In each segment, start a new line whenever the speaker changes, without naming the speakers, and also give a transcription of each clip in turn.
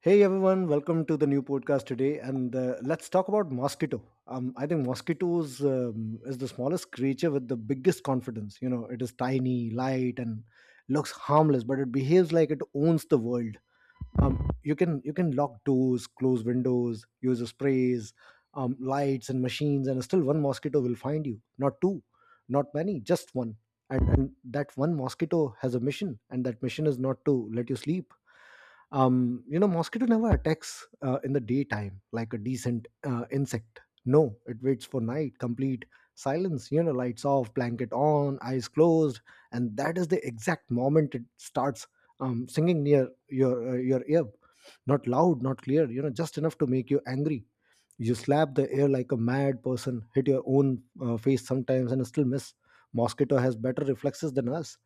Hey everyone, welcome to the new podcast today, and let's talk about mosquito. I think mosquitoes is the smallest creature with the biggest confidence. You know, it is tiny, light, and looks harmless, but it behaves like it owns the world. You can lock doors, close windows, use the sprays, lights, and machines, and still one mosquito will find you. Not two, not many, just one. And that one mosquito has a mission, and that mission is not to let you sleep. You know, mosquito never attacks in the daytime like a decent insect. No, it waits for night, complete silence. You know, lights off, blanket on, eyes closed, and that is the exact moment it starts singing near your ear. Not loud, not clear, you know, just enough to make you angry. You slap the air like a mad person, hit your own face sometimes, and still miss. Mosquito has better reflexes than us.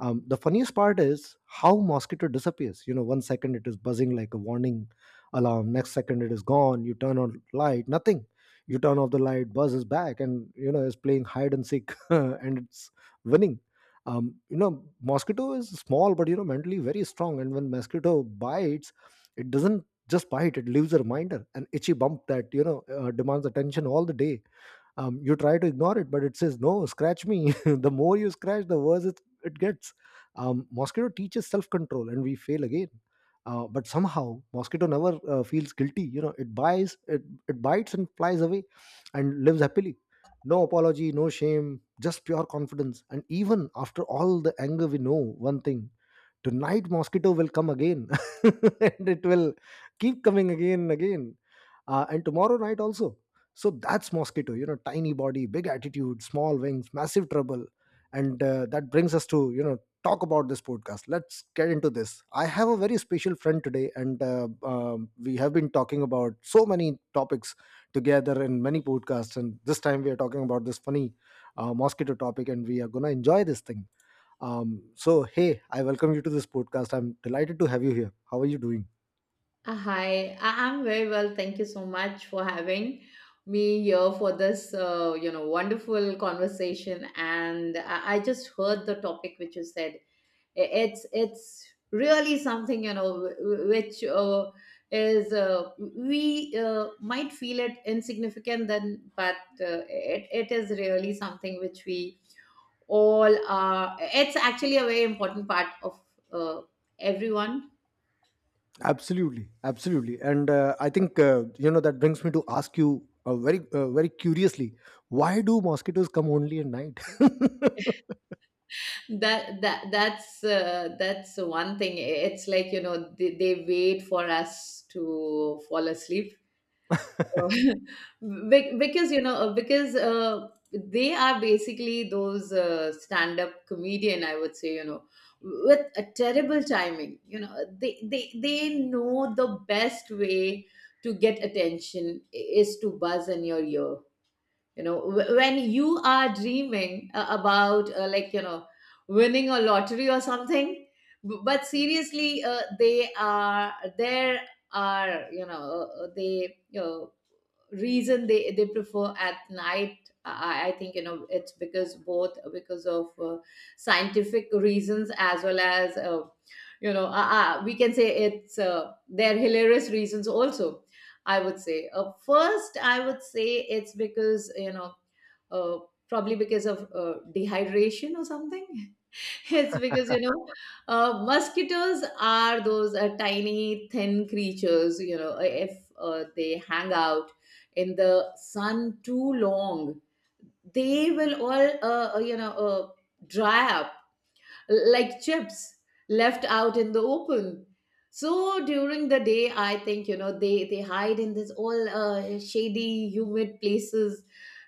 The funniest part is how mosquito disappears. You know, one second it is buzzing like a warning alarm, next second it is gone. You turn on light, nothing. You turn off the light, buzzes back, and you know is playing hide and seek and it's winning. You know, mosquito is small, but you know, mentally very strong. And when mosquito bites, it doesn't just bite, it leaves a reminder, an itchy bump that, you know, demands attention all the day. You try to ignore it, but it says no, scratch me. The more you scratch, the worse it gets. Mosquito teaches self-control and we fail again. But somehow mosquito never feels guilty. You know, it buys it bites and flies away and lives happily. No apology, no shame, just pure confidence. And even after all the anger, we know one thing: tonight mosquito will come again. And it will keep coming again and again, and tomorrow night also. So that's mosquito. You know, tiny body, big attitude, small wings, massive trouble, and that brings us to, you know, talk about this podcast. Let's get into this. I have a very special friend today, and we have been talking about so many topics together in many podcasts. And this time we are talking about this funny mosquito topic, and we are gonna enjoy this thing. So hey, I welcome you to this podcast. I'm delighted to have you here. How are you doing?
Hi, I'm very well. Thank you so much for having me here for this, wonderful conversation. And I just heard the topic which you said. It's really something, which is we might feel it insignificant then, but it is really something which we all are. It's actually a very important part of uh, everyone.
Absolutely, absolutely, and I think you know, that brings me to ask you uh, very curiously, why do mosquitoes come only at night?
That's that's one thing. It's like, they wait for us to fall asleep. Oh. Because, they are basically those stand-up comedian, I would say, with a terrible timing. They know the best way to get attention is to buzz in your ear, when you are dreaming about, like, winning a lottery or something. But seriously, they are there are, they you reason they prefer at night. I think, it's because, both, because of scientific reasons as well as, we can say, it's their hilarious reasons also, I would say. First, I would say it's because, you know, uh, probably because of dehydration or something. Yes, because, mosquitoes are those tiny, thin creatures. You know, if they hang out in the sun too long, they will all, dry up like chips left out in the open. So during the day, I think, you know, they hide in this all shady, humid places,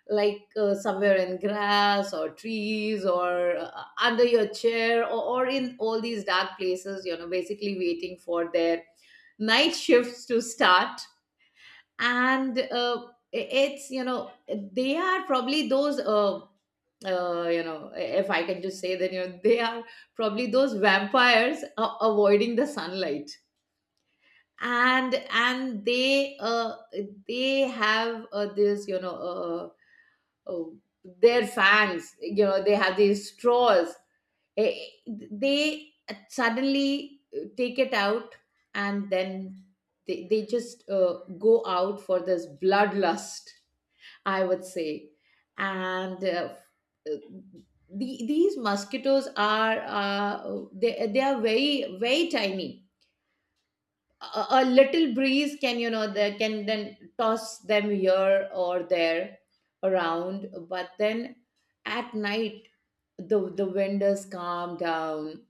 like somewhere in grass or trees, or under your chair, or in all these dark places, you know, basically waiting for their night shifts to start. And, I- it's you know they are probably those, if I can just say that, you know, they are probably those vampires, avoiding the sunlight. And they have, this, you know, uh, uh, their fangs, you know, they have these straws. Eh, They suddenly take it out, and then they just go out for this bloodlust, I would say. And uh, these mosquitoes are, they are very, very tiny. A little breeze can, you know, they can then toss them here or there around. But then at night, the wind is calm down,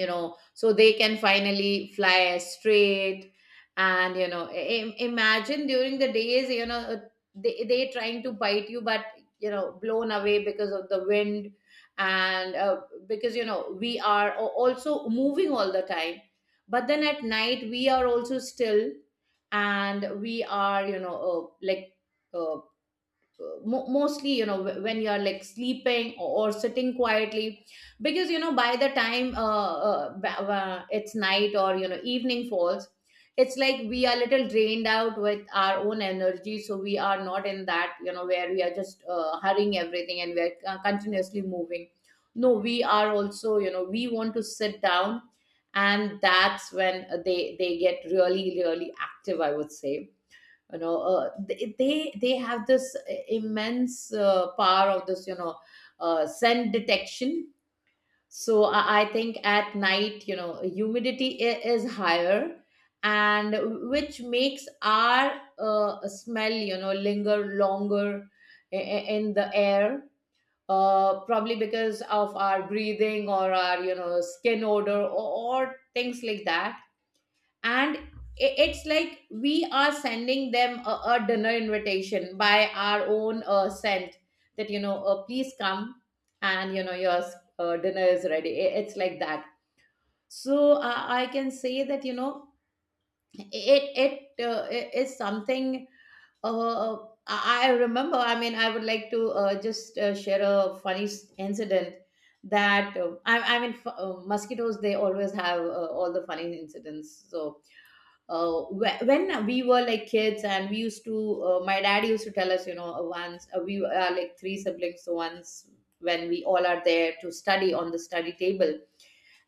you know, so they can finally fly straight. And, you know, imagine during the days, you know, they trying to bite you, but, you know, blown away because of the wind. And, because, you know, we are also moving all the time, but then at night, we are also still, and we are, you know, like, uh, mostly, you know, when you are like sleeping, or sitting quietly, because, you know, by the time, it's night, or, you know, evening falls, it's like we are little drained out with our own energy, so we are not in that, you know, where we are just hurrying everything, and we are continuously moving. No, we are also, you know, we want to sit down, and that's when they get really, really active, I would say. You know, they have this immense power of this, you know, scent detection. So I think at night, you know, humidity is higher, and which makes our smell, you know, linger longer in the air, probably because of our breathing or our, you know, skin odor or, things like that. And it's like we are sending them a dinner invitation by our own scent, that, you know, please come, and, you know, your dinner is ready. It's like that. So, I can say that, you know, it, is something. I remember, I mean, I would like to just share a funny incident, that, I mean, mosquitoes, they always have all the funny incidents. So, when we were like kids, and we used to, my dad used to tell us, you know, once, we are like three siblings. So once when we all are there to study on the study table,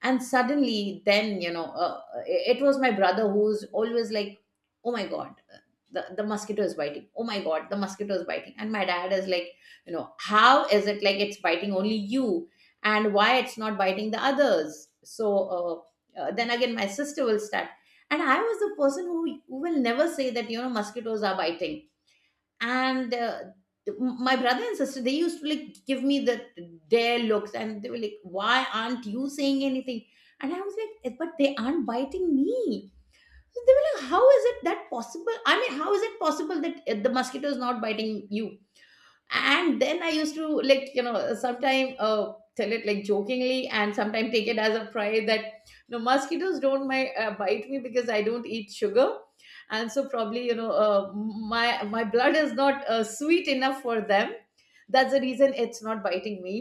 and suddenly then, you know, it, it was my brother who's always like, "Oh my God, the mosquito is biting. Oh my God, the mosquito is biting." And my dad is like, "You know, how is it like it's biting only you, and why it's not biting the others?" So, then again, my sister will start, and I was the person who, will never say that, you know, mosquitoes are biting. And, my brother and sister, they used to like give me their looks, and they were like, "Why aren't you saying anything?" And I was like, "Eh, but they aren't biting me." So they were like, "How is it that possible? I mean, how is it possible that, the mosquito is not biting you?" And then I used to, like, you know, sometimes tell it like jokingly, and sometimes take it as a pride that no, mosquitoes don't my bite me, because I don't eat sugar. And so probably, you know, my blood is not sweet enough for them. That's the reason it's not biting me.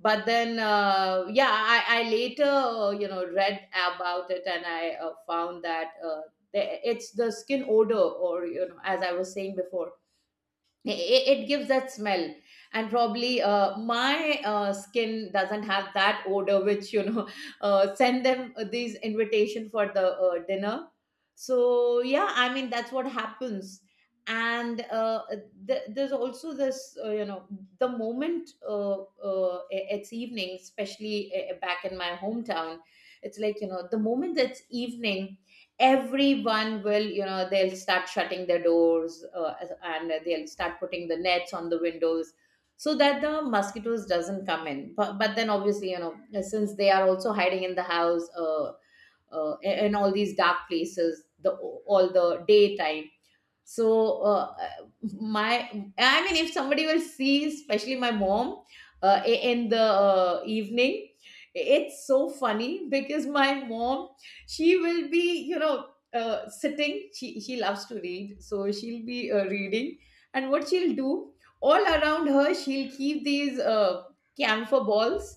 But then, yeah, I later, you know, read about it, and I found that, it's the skin odor, or, you know, as I was saying before, it gives that smell. And probably, my skin doesn't have that odor, which, you know, send them these invitation for the dinner. So yeah, I mean, that's what happens. And, there's also this, you know, the moment, it's evening, especially, back in my hometown, it's like, you know, the moment it's evening, everyone will, you know, they'll start shutting their doors, and they'll start putting the nets on the windows, so that the mosquitoes doesn't come in. But, then, obviously, you know, since they are also hiding in the house, in all these dark places the all the daytime. So, my, I mean, if somebody will see, especially my mom, in the evening, it's so funny. Because my mom, she will be, you know, sitting, she loves to read, so she'll be reading. And what she'll do, all around her, she'll keep these, camphor balls,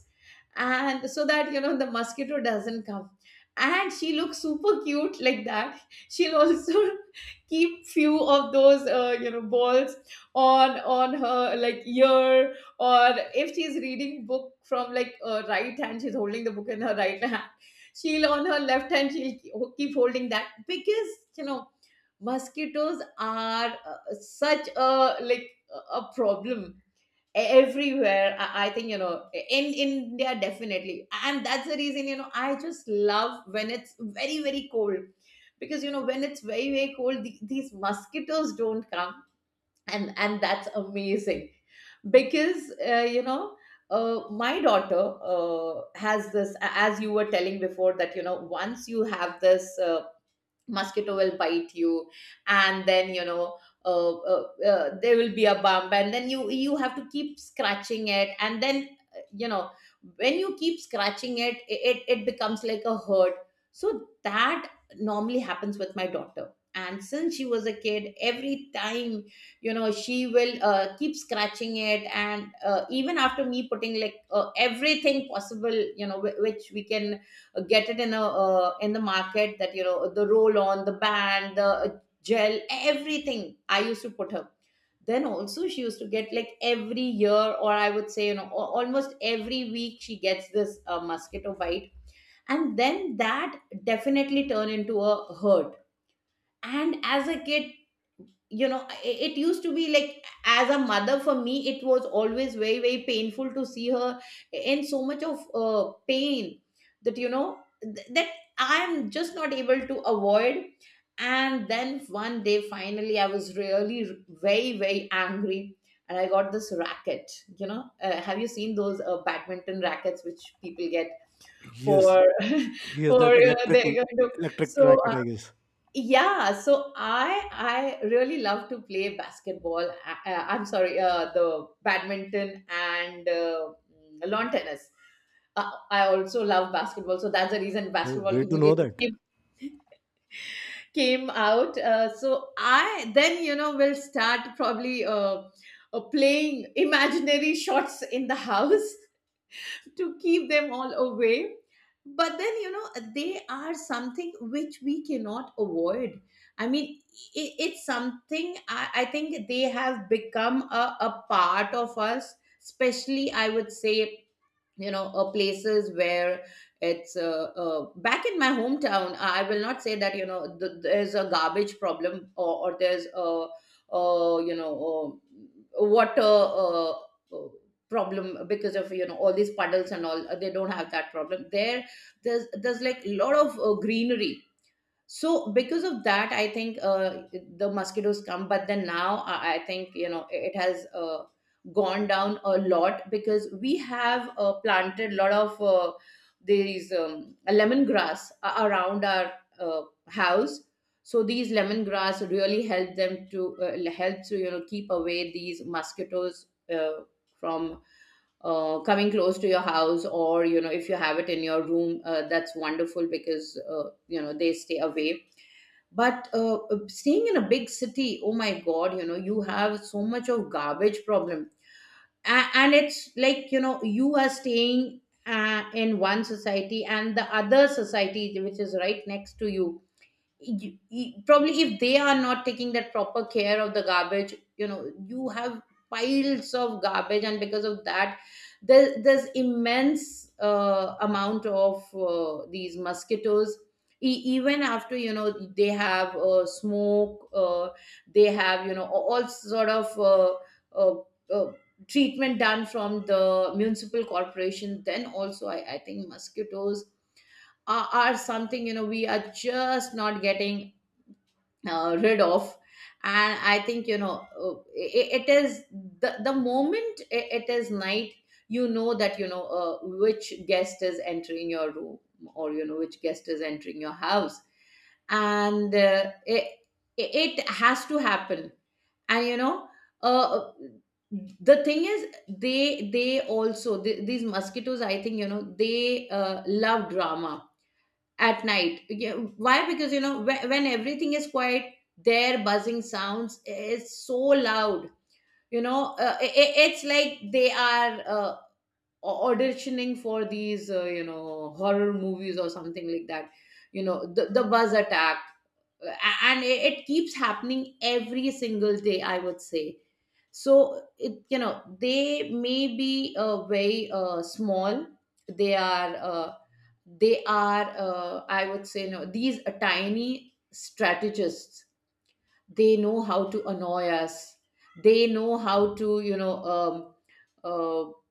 and so that, you know, the mosquito doesn't come. And she looks super cute like that. She'll also keep few of those, you know, balls on her like ear, or if she's reading book from like, right hand, she's holding the book in her right hand. She'll, on her left hand, she'll keep holding that, because, you know, mosquitoes are, such a, like a problem. Everywhere, I think, you know, in India, definitely. And that's the reason, you know, I just love when it's very, very cold, because, you know, when it's very, very cold, these mosquitoes don't come. And that's amazing, because, you know, my daughter has this, as you were telling before, that, you know, once you have this, mosquito will bite you, and then, you know, there will be a bump, and then you have to keep scratching it, and then, you know, when you keep scratching it, it, it becomes like a hurt. So that normally happens with my daughter, and since she was a kid, every time, you know, she will keep scratching it. And, even after me putting like, everything possible, you know, which we can get it in a, in the market, that, you know, the roll on, the band, the, gel, everything I used to put her, then also she used to get like every year, or I would say, you know, almost every week, she gets this mosquito bite. And then that definitely turn into a hurt. And as a kid, you know, it used to be like, as a mother, for me it was always very, very painful to see her in so much of pain, that, you know, that I'm just not able to avoid. And then one day, finally, I was really very, very angry, and I got this racket. You know, have you seen those, badminton rackets which people get
Yes,
for
yes,
for
that electrical
they're going to
electric
so
racket, I guess.
yeah, so I really love to play basketball. I'm sorry, the badminton and lawn tennis. I also love basketball, so that's the reason
Oh,
basketball
great to know
immediately
that.
came came out. So I then will start probably playing imaginary shots in the house to keep them all away. But then, you know, they are something which we cannot avoid. I mean, I it's something I think they have become a part of us, especially, I would say, you know places where it's back in my hometown I will not say that you know there's a garbage problem or there's a water uh, uh, problem because of you know all these puddles and all, they don't have that problem there. There's like a lot of greenery, so because of that, I think the mosquitoes come. But then now, I think you know it has gone down a lot because we have planted a lot of these lemongrass around our uh, house. So these lemongrass really help them to help to you know keep away these mosquitoes uh, from coming close to your house, or you know if you have it in your room, that's wonderful because you know they stay away. But staying in a big city, oh my god, you know you have so much of garbage problem. And it's like you know you are staying in one society and the other society which is right next to you, probably if they are not taking that proper care of the garbage, you know you have piles of garbage, and because of that there's immense amount of these mosquitoes. Even after you know they have smoke, they have you know all sort of uh, uh, treatment done from the municipal corporation, then also I think mosquitoes are something you know we are just not getting rid of. And I think you know it is the moment it is night, you know that you know which guest is entering your room or you know which guest is entering your house, and it has to happen. And you know uh, the thing is they also these mosquitoes, I think, you know they love drama at night. Yeah. Why? Because you know when everything is quiet, their buzzing sounds is so loud. You know, it's like they are auditioning for these you know horror movies or something like that. You know, the buzz attack, and it keeps happening every single day, I would say. So it you know they may be very small, they are uh, they are I would say no, these are tiny strategists. They know how to annoy us, they know how to you know uh,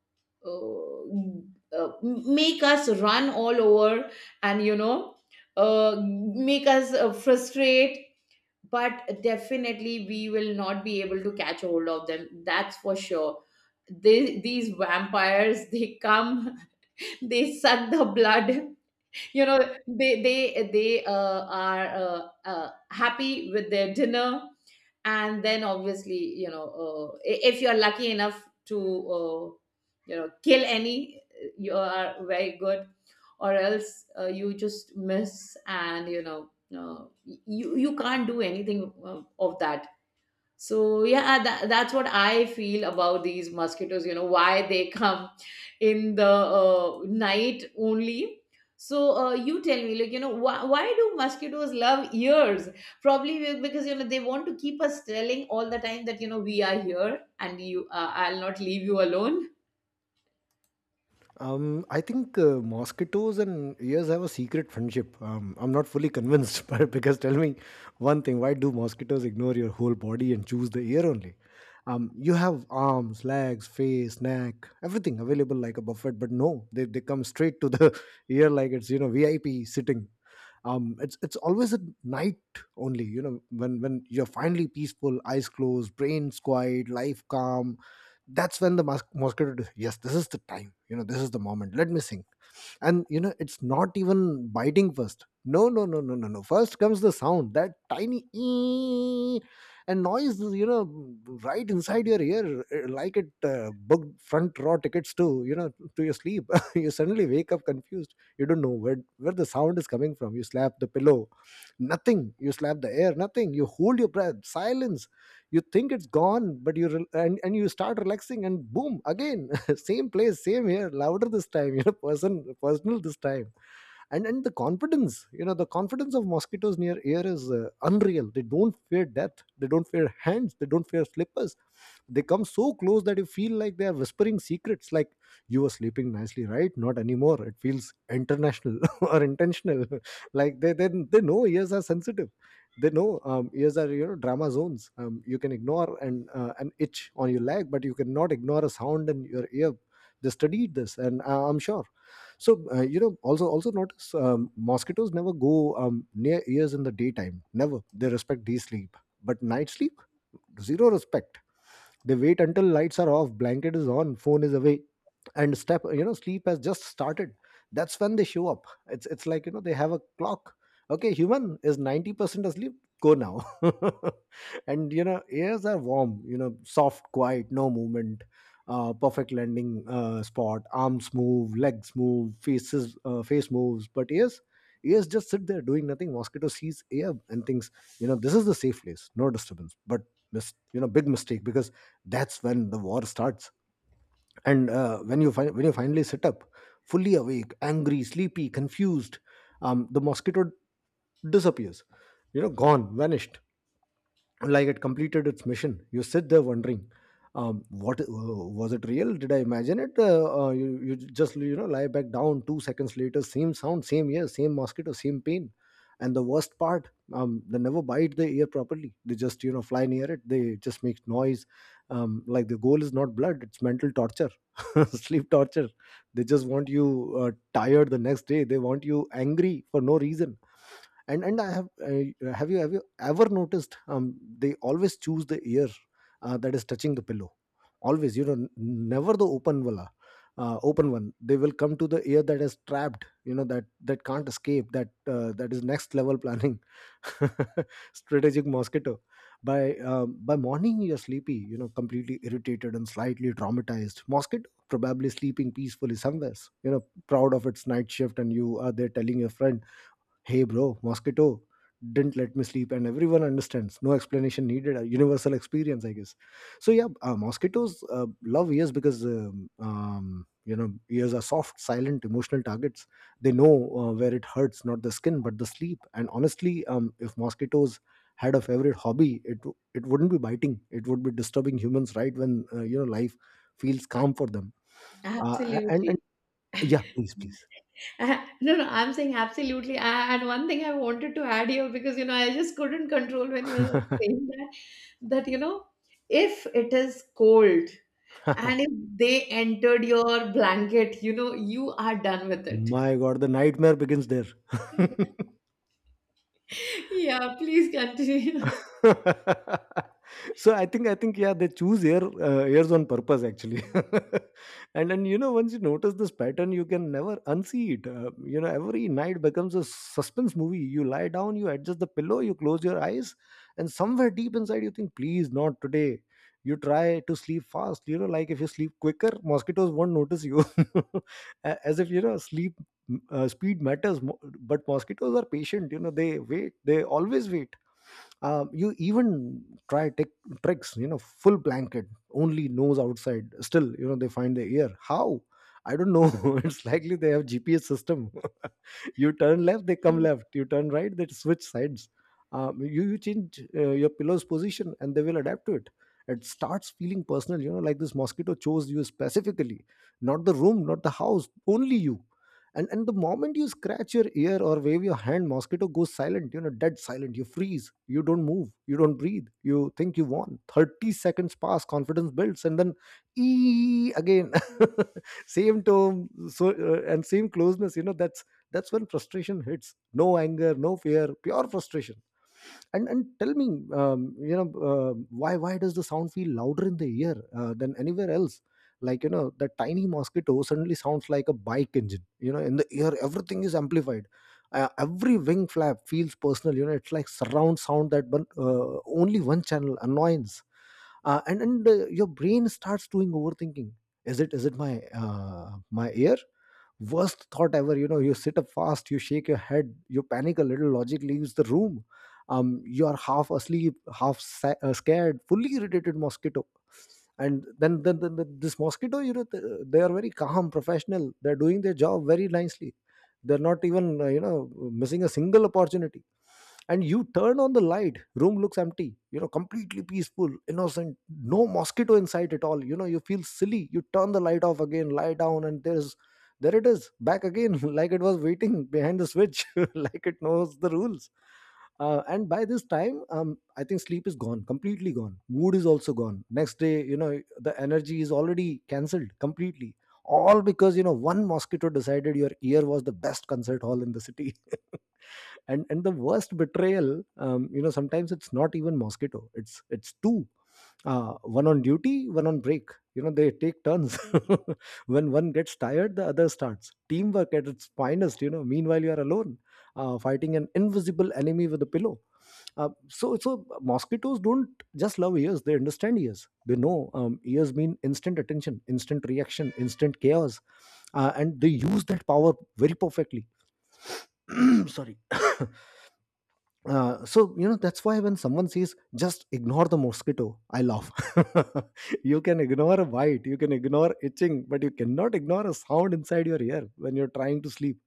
uh, make us run all over, and you know make us frustrate, but definitely we will not be able to catch hold of them, that's for sure. They, these vampires, they come they suck the blood you know they are happy with their dinner, and then obviously you know if you're lucky enough to you know kill any, you are very good. Or else you just miss, and you know uh, you you can't do anything of that. So yeah, that's what I feel about these mosquitoes. You know why they come in the night only. So you tell me, like you know, why do mosquitoes love ears? Probably because you know they want to keep us telling all the time that you know we are here and you, I'll not leave you alone.
I think mosquitoes and ears have a secret friendship. I'm not fully convinced, but because tell me one thing: why do mosquitoes ignore your whole body and choose the ear only? You have arms, legs, face, neck, everything available like a buffet, but no, they come straight to the ear like it's, you know, VIP sitting. It's always at night only. You know, when you're finally peaceful, eyes closed, brains quiet, life calm, that's when the mosquito yes, this is the time, you know, this is the moment, let me sing. And you know, it's not even biting first. No, no, no, no, no, no, first comes the sound, that tiny ee, and noise is, you know, right inside your ear, eh, like it booked front row tickets to, you know, to your sleep. You suddenly wake up confused, you don't know where the sound is coming from. You slap the pillow, nothing. You slap the air, nothing. You hold your breath, silence. You think it's gone, but you rel and you start relaxing, and boom, again. Same place, same here, louder this time, you know, personal this time. And the confidence, you know, the confidence of mosquitoes near air is unreal. They don't fear death, they don't fear hands, they don't fear slippers. They come so close that you feel like they are whispering secrets, like, you were sleeping nicely, right? Not anymore. It feels international or intentional. Like they know ears are sensitive. They know, ears are, you know, drama zones. You can ignore an itch on your leg, but you cannot ignore a sound in your ear. They studied this, and I'm sure. So, you know, also notice, mosquitoes never go near ears in the daytime, never. They respect day sleep, but night sleep, zero respect. They wait until lights are off, blanket is on, phone is away, and step you know, sleep has just started. That's when they show up. It's like, you know, they have a clock. Okay, human is 90% asleep, go now. And you know, ears are warm, you know, soft, quiet, no movement, perfect landing spot. Arms move, legs move, faces face moves, but ears. Ears just sit there doing nothing. Mosquito sees air and thinks, you know, this is the safe place, no disturbance. But you know, big mistake, because that's when the war starts. And when you when you finally sit up, fully awake, angry, sleepy, confused, the mosquito disappears. You know, gone, vanished, like it completed its mission. You sit there wondering, what was it real? Did I imagine it? You just, you know, lie back down. 2 seconds later, same sound, same ear, same mosquito, same pain. And the worst part, they never bite the ear properly. They just, you know, fly near it. They just make noise. Like, the goal is not blood; it's mental torture, sleep torture. They just want you tired the next day. They want you angry for no reason. And I have have you ever noticed, they always choose the ear that is touching the pillow, always, you know, never the open one. Open one, they will come to the ear that is trapped, you know, that can't escape. That that is next level planning. Strategic mosquito. By by morning you're sleepy, you know, completely irritated and slightly traumatized. Mosquito probably sleeping peacefully somewhere, you know, proud of its night shift, and you are there telling your friend, Hey bro, mosquito didn't let me sleep, and everyone understands. No explanation needed. A universal experience, I guess. So yeah, mosquitoes love ears because, you know, ears are soft, silent, emotional targets. They know where it hurts, not the skin, but the sleep. And honestly, if mosquitoes had a favorite hobby, it wouldn't be biting. It would be disturbing humans right when, you know, life feels calm for them. And
Absolutely.
yeah, please, please.
No, no, I'm saying absolutely. And one thing I wanted to add here, because you know I just couldn't control when you were saying that you know if it is cold and if they entered your blanket, you know you are done with it.
My God, the nightmare begins there.
Yeah, please continue.
So I think, yeah, they choose air, airs on purpose actually, and then you know, once you notice this pattern, you can never unsee it. You know, every night becomes a suspense movie. You lie down, you adjust the pillow, you close your eyes, and somewhere deep inside you think, please not today. You try to sleep fast. You know, like, if you sleep quicker, mosquitoes won't notice you, as if, you know, sleep. Speed matters, but mosquitoes are patient. You know, they wait. They always wait. You even try tech tricks, you know, full blanket, only nose outside, still, you know, they find the ear. How? I don't know. It's likely they have GPS system. You turn left, they come left. You turn right, they switch sides. You change your pillow's position and they will adapt to it. It starts feeling personal, you know, like this mosquito chose you specifically. Not the room, not the house, only you. And the moment you scratch your ear or wave your hand, mosquito goes silent. You know, dead silent. You freeze, you don't move, you don't breathe, you think you won. 30 seconds pass, confidence builds, and then ee again. Same tone. And same closeness, you know. That's when frustration hits. No anger, no fear, pure frustration. And tell me, um, you know uh, why does the sound feel louder in the ear than anywhere else? Like, you know, the tiny mosquito suddenly sounds like a bike engine. You know, in the ear everything is amplified. Every wing flap feels personal. You know, it's like surround sound. That one, only one channel annoyance. And Your brain starts doing overthinking. Is it my my ear? Worst thought ever. You know, you sit up fast, you shake your head, you panic a little, logic leaves the room. You are half asleep, half scared, fully irritated mosquito. And then this mosquito, you know, they are very calm, professional. They're doing their job very nicely. They're not even, you know, missing a single opportunity. And you turn on the light, room looks empty, you know, completely peaceful, innocent, no mosquito in sight at all. You know, you feel silly. You turn the light off again, lie down, and there it is, back again. Like it was waiting behind the switch. Like it knows the rules. And by this time, I think sleep is gone, completely gone. Mood is also gone next day. You know, the energy is already cancelled completely. All because, you know, one mosquito decided your ear was the best concert hall in the city. And the worst betrayal, you know, sometimes it's not even mosquito, it's two. One on duty, one on break. You know, they take turns. When one gets tired, the other starts. Teamwork at its finest. You know, meanwhile you are alone, fighting an invisible enemy with a pillow. So mosquitoes don't just love ears, they understand ears. They know, ears mean instant attention, instant reaction, instant chaos. And they use that power very perfectly. Sorry. So, you know, that's why when someone says just ignore the mosquito, I laugh. You can ignore a bite, you can ignore itching, but you cannot ignore a sound inside your ear when you're trying to sleep.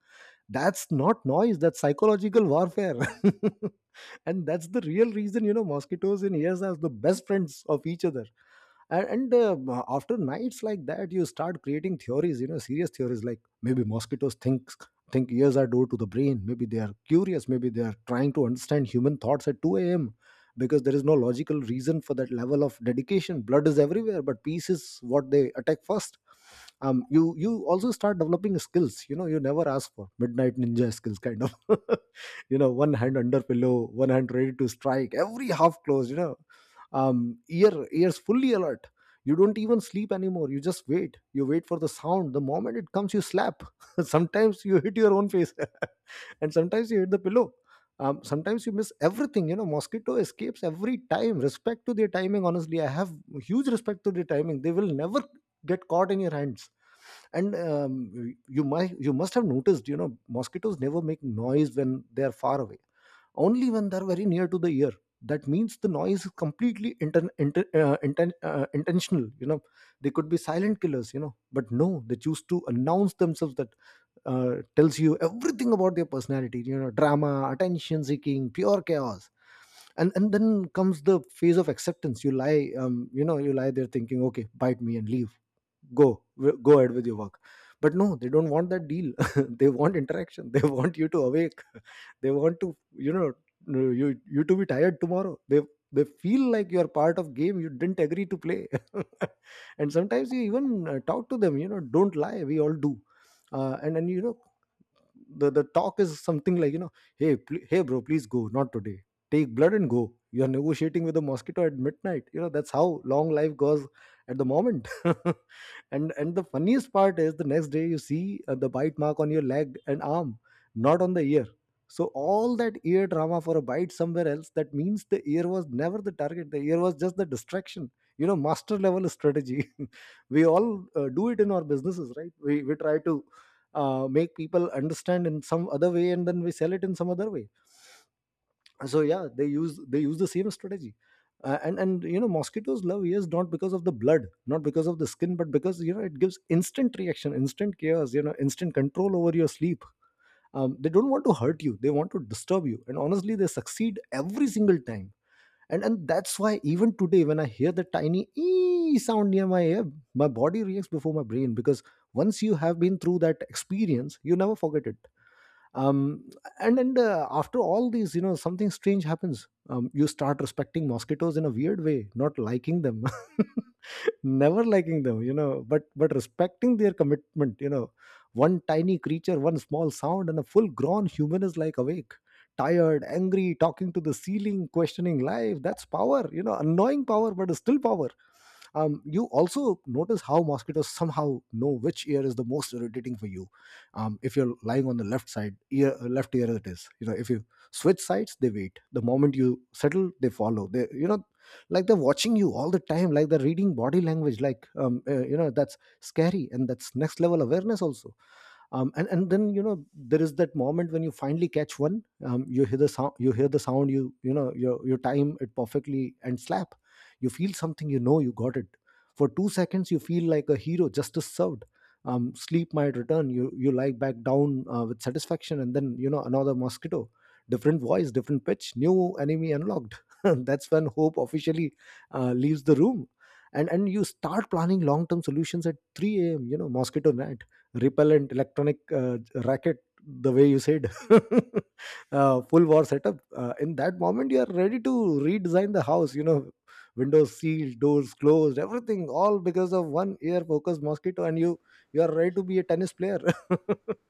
That's not noise, that's psychological warfare. And that's the real reason, you know, mosquitoes and ears are the best friends of each other. And After nights like that, you start creating theories. You know, serious theories, like maybe mosquitoes think ears are due to the brain. Maybe they are curious, maybe they are trying to understand human thoughts at 2 a.m., because there is no logical reason for that level of dedication. Blood is everywhere, but peace is what they attack first. You also start developing skills. You know, you never ask for midnight ninja skills kind of. You know, one hand under pillow, one hand ready to strike, every half close, you know, ear ears fully alert. You don't even sleep anymore. You just wait. You wait for the sound. The moment it comes, you slap. Sometimes you hit your own face, and sometimes you hit the pillow. Sometimes you miss everything. You know, mosquito escapes every time. Respect to their timing. Honestly, I have huge respect to their timing. They will never get caught in your hands. And You might, you must have noticed, you know, mosquitoes never make noise when they are far away, only when they're very near to the ear. That means the noise is completely intentional, you know. They could be silent killers, you know, but no, they choose to announce themselves. That tells you everything about their personality. You know, drama, attention seeking, pure chaos. And then comes the phase of acceptance. You lie, you know, you lie there thinking, okay, bite me and leave. Go ahead with your work. But no, they don't want that deal. They want interaction. They want you to awake. They want to, you know, no, you to be tired tomorrow. They feel like you are part of game you didn't agree to play. And sometimes you even, talk to them. You know, don't lie, we all do. And then, you know, the talk is something like, you know, hey, hey bro, please go, not today. Take blood and go. You're negotiating with a mosquito at midnight. You know, that's how long life goes at the moment. And the funniest part is the next day you see the bite mark on your leg and arm, not on the ear. So all that ear drama for a bite somewhere else. That means the ear was never the target, the ear was just the distraction. You know, master level strategy. We all do it in our businesses, right? We try to make people understand in some other way and then we sell it in some other way. So yeah, they use the same strategy. And you know, mosquitoes love ears not because of the blood, not because of the skin, but because, you know, it gives instant reaction, instant chaos, you know, instant control over your sleep. They don't want to hurt you, they want to disturb you, and honestly they succeed every single time. And that's why even today, when I hear the tiny ee sound near my ear, my body reacts before my brain, because once you have been through that experience, you never forget it. Um, and After all these, you know, something strange happens. You start respecting mosquitoes in a weird way. Not liking them, never liking them, you know, but respecting their commitment. You know, one tiny creature, one small sound, and a full grown human is like awake, tired, angry, talking to the ceiling, questioning life. That's power. You know, annoying power, but it's still power. You also notice how mosquitoes somehow know which ear is the most irritating for you. If you're lying on the left side ear, left ear it is. You know, if you switch sides, they wait. The moment you settle, they follow. They, you know, like they're watching you all the time, like they're reading body language, like, you know, that's scary, and that's next level awareness also. And then, you know, there is that moment when you finally catch one. You hear the sound, you hear the sound, you know your time it perfectly, and slap. You feel something. You know, you got it. For 2 seconds you feel like a hero, justice served. Sleep might return. You lie back down with satisfaction, and then, you know, another mosquito. Different voice, different pitch, new enemy unlocked. That's when hope officially leaves the room. And you start planning long term solutions at 3 a.m. You know, mosquito repellent, electronic racket, the way you said. Full war setup. In that moment you are ready to redesign the house. You know, windows sealed, doors closed, everything, all because of one ear focused mosquito, and you are ready to be a tennis player.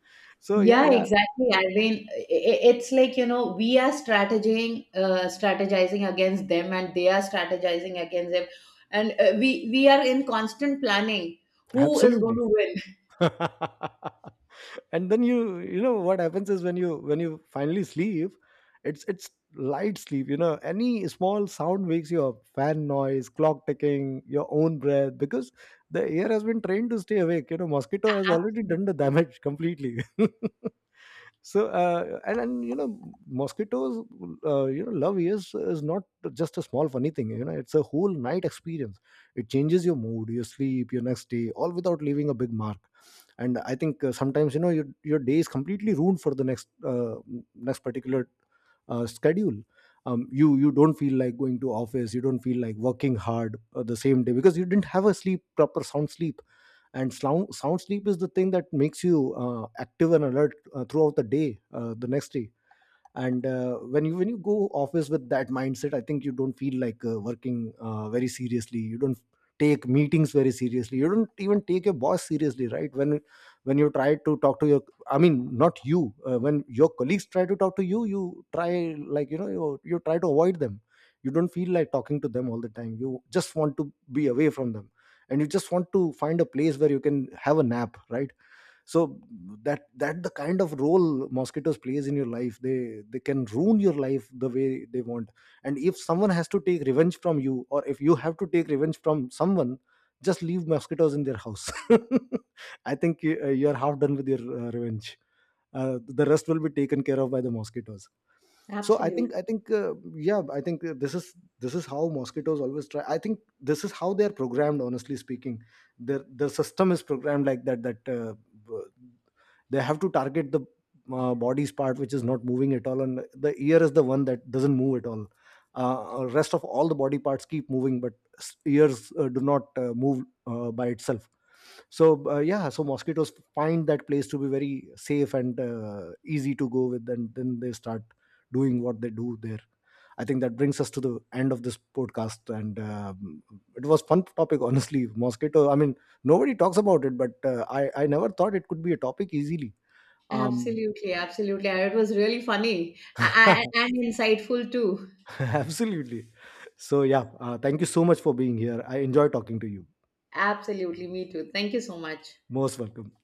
So yeah,
Yeah,
yeah,
exactly. I mean, it's like, you know, we are strategizing, strategizing against them, and they are strategizing against them, and we are in constant planning who is going
absolutely.
to win.
And then, you know what happens is, when you finally sleep, it's light sleep. You know, any small sound wakes you up, fan noise, clock ticking, your own breath, because the air has been trained to stay awake. You know, mosquito has already
Absolutely,
done the damage completely. And you know, mosquitoes, you know, love is not just a small funny thing. You know, it's a whole night experience. It changes your mood, your sleep, your next day, all without leaving a big mark. And I think sometimes, you know, your day is completely ruined for the next next particular schedule. You don't feel like going to office, you don't feel like working hard the same day, because you didn't have a sleep, proper sound sleep. And sound sleep is the thing that makes you active and alert throughout the day, the next day. And when you go office with that mindset, I think you don't feel like working very seriously. You don't take meetings very seriously, you don't even take your boss seriously, right? When you try to talk to your, I mean, not you, when your colleagues try to talk to you, you try, like, you know, you try to avoid them. You don't feel like talking to them all the time, you just want to be away from them, and you just want to find a place where you can have a nap, right? So that the kind of role mosquitoes plays in your life, they can ruin your life the way they want. And if someone has to take revenge from you, or if you have to take revenge from someone, just leave mosquitoes in their house. I think you, you're half done with your revenge. The rest will be taken care of by the mosquitoes. So i
absolutely,
think I think yeah I think this is how mosquitoes always try. I think this is how they are programmed, honestly speaking. Their system is programmed like that, that they have to target the body's part which is not moving at all, and the ear is the one that doesn't move at all. Rest of all the body parts keep moving, but ears do not move by itself. So yeah, so mosquitoes find that place to be very safe and easy to go with, and then they start doing what they do there. I think that brings us to the end of this podcast, and it was fun topic honestly. Mosquito, I mean, nobody talks about it, but I never thought it could be a topic easily. Um,
absolutely, absolutely. It was really funny and insightful too.
Absolutely. So yeah, thank you so much for being here. I enjoy talking to you.
Absolutely, me too. Thank you so much.
Most welcome.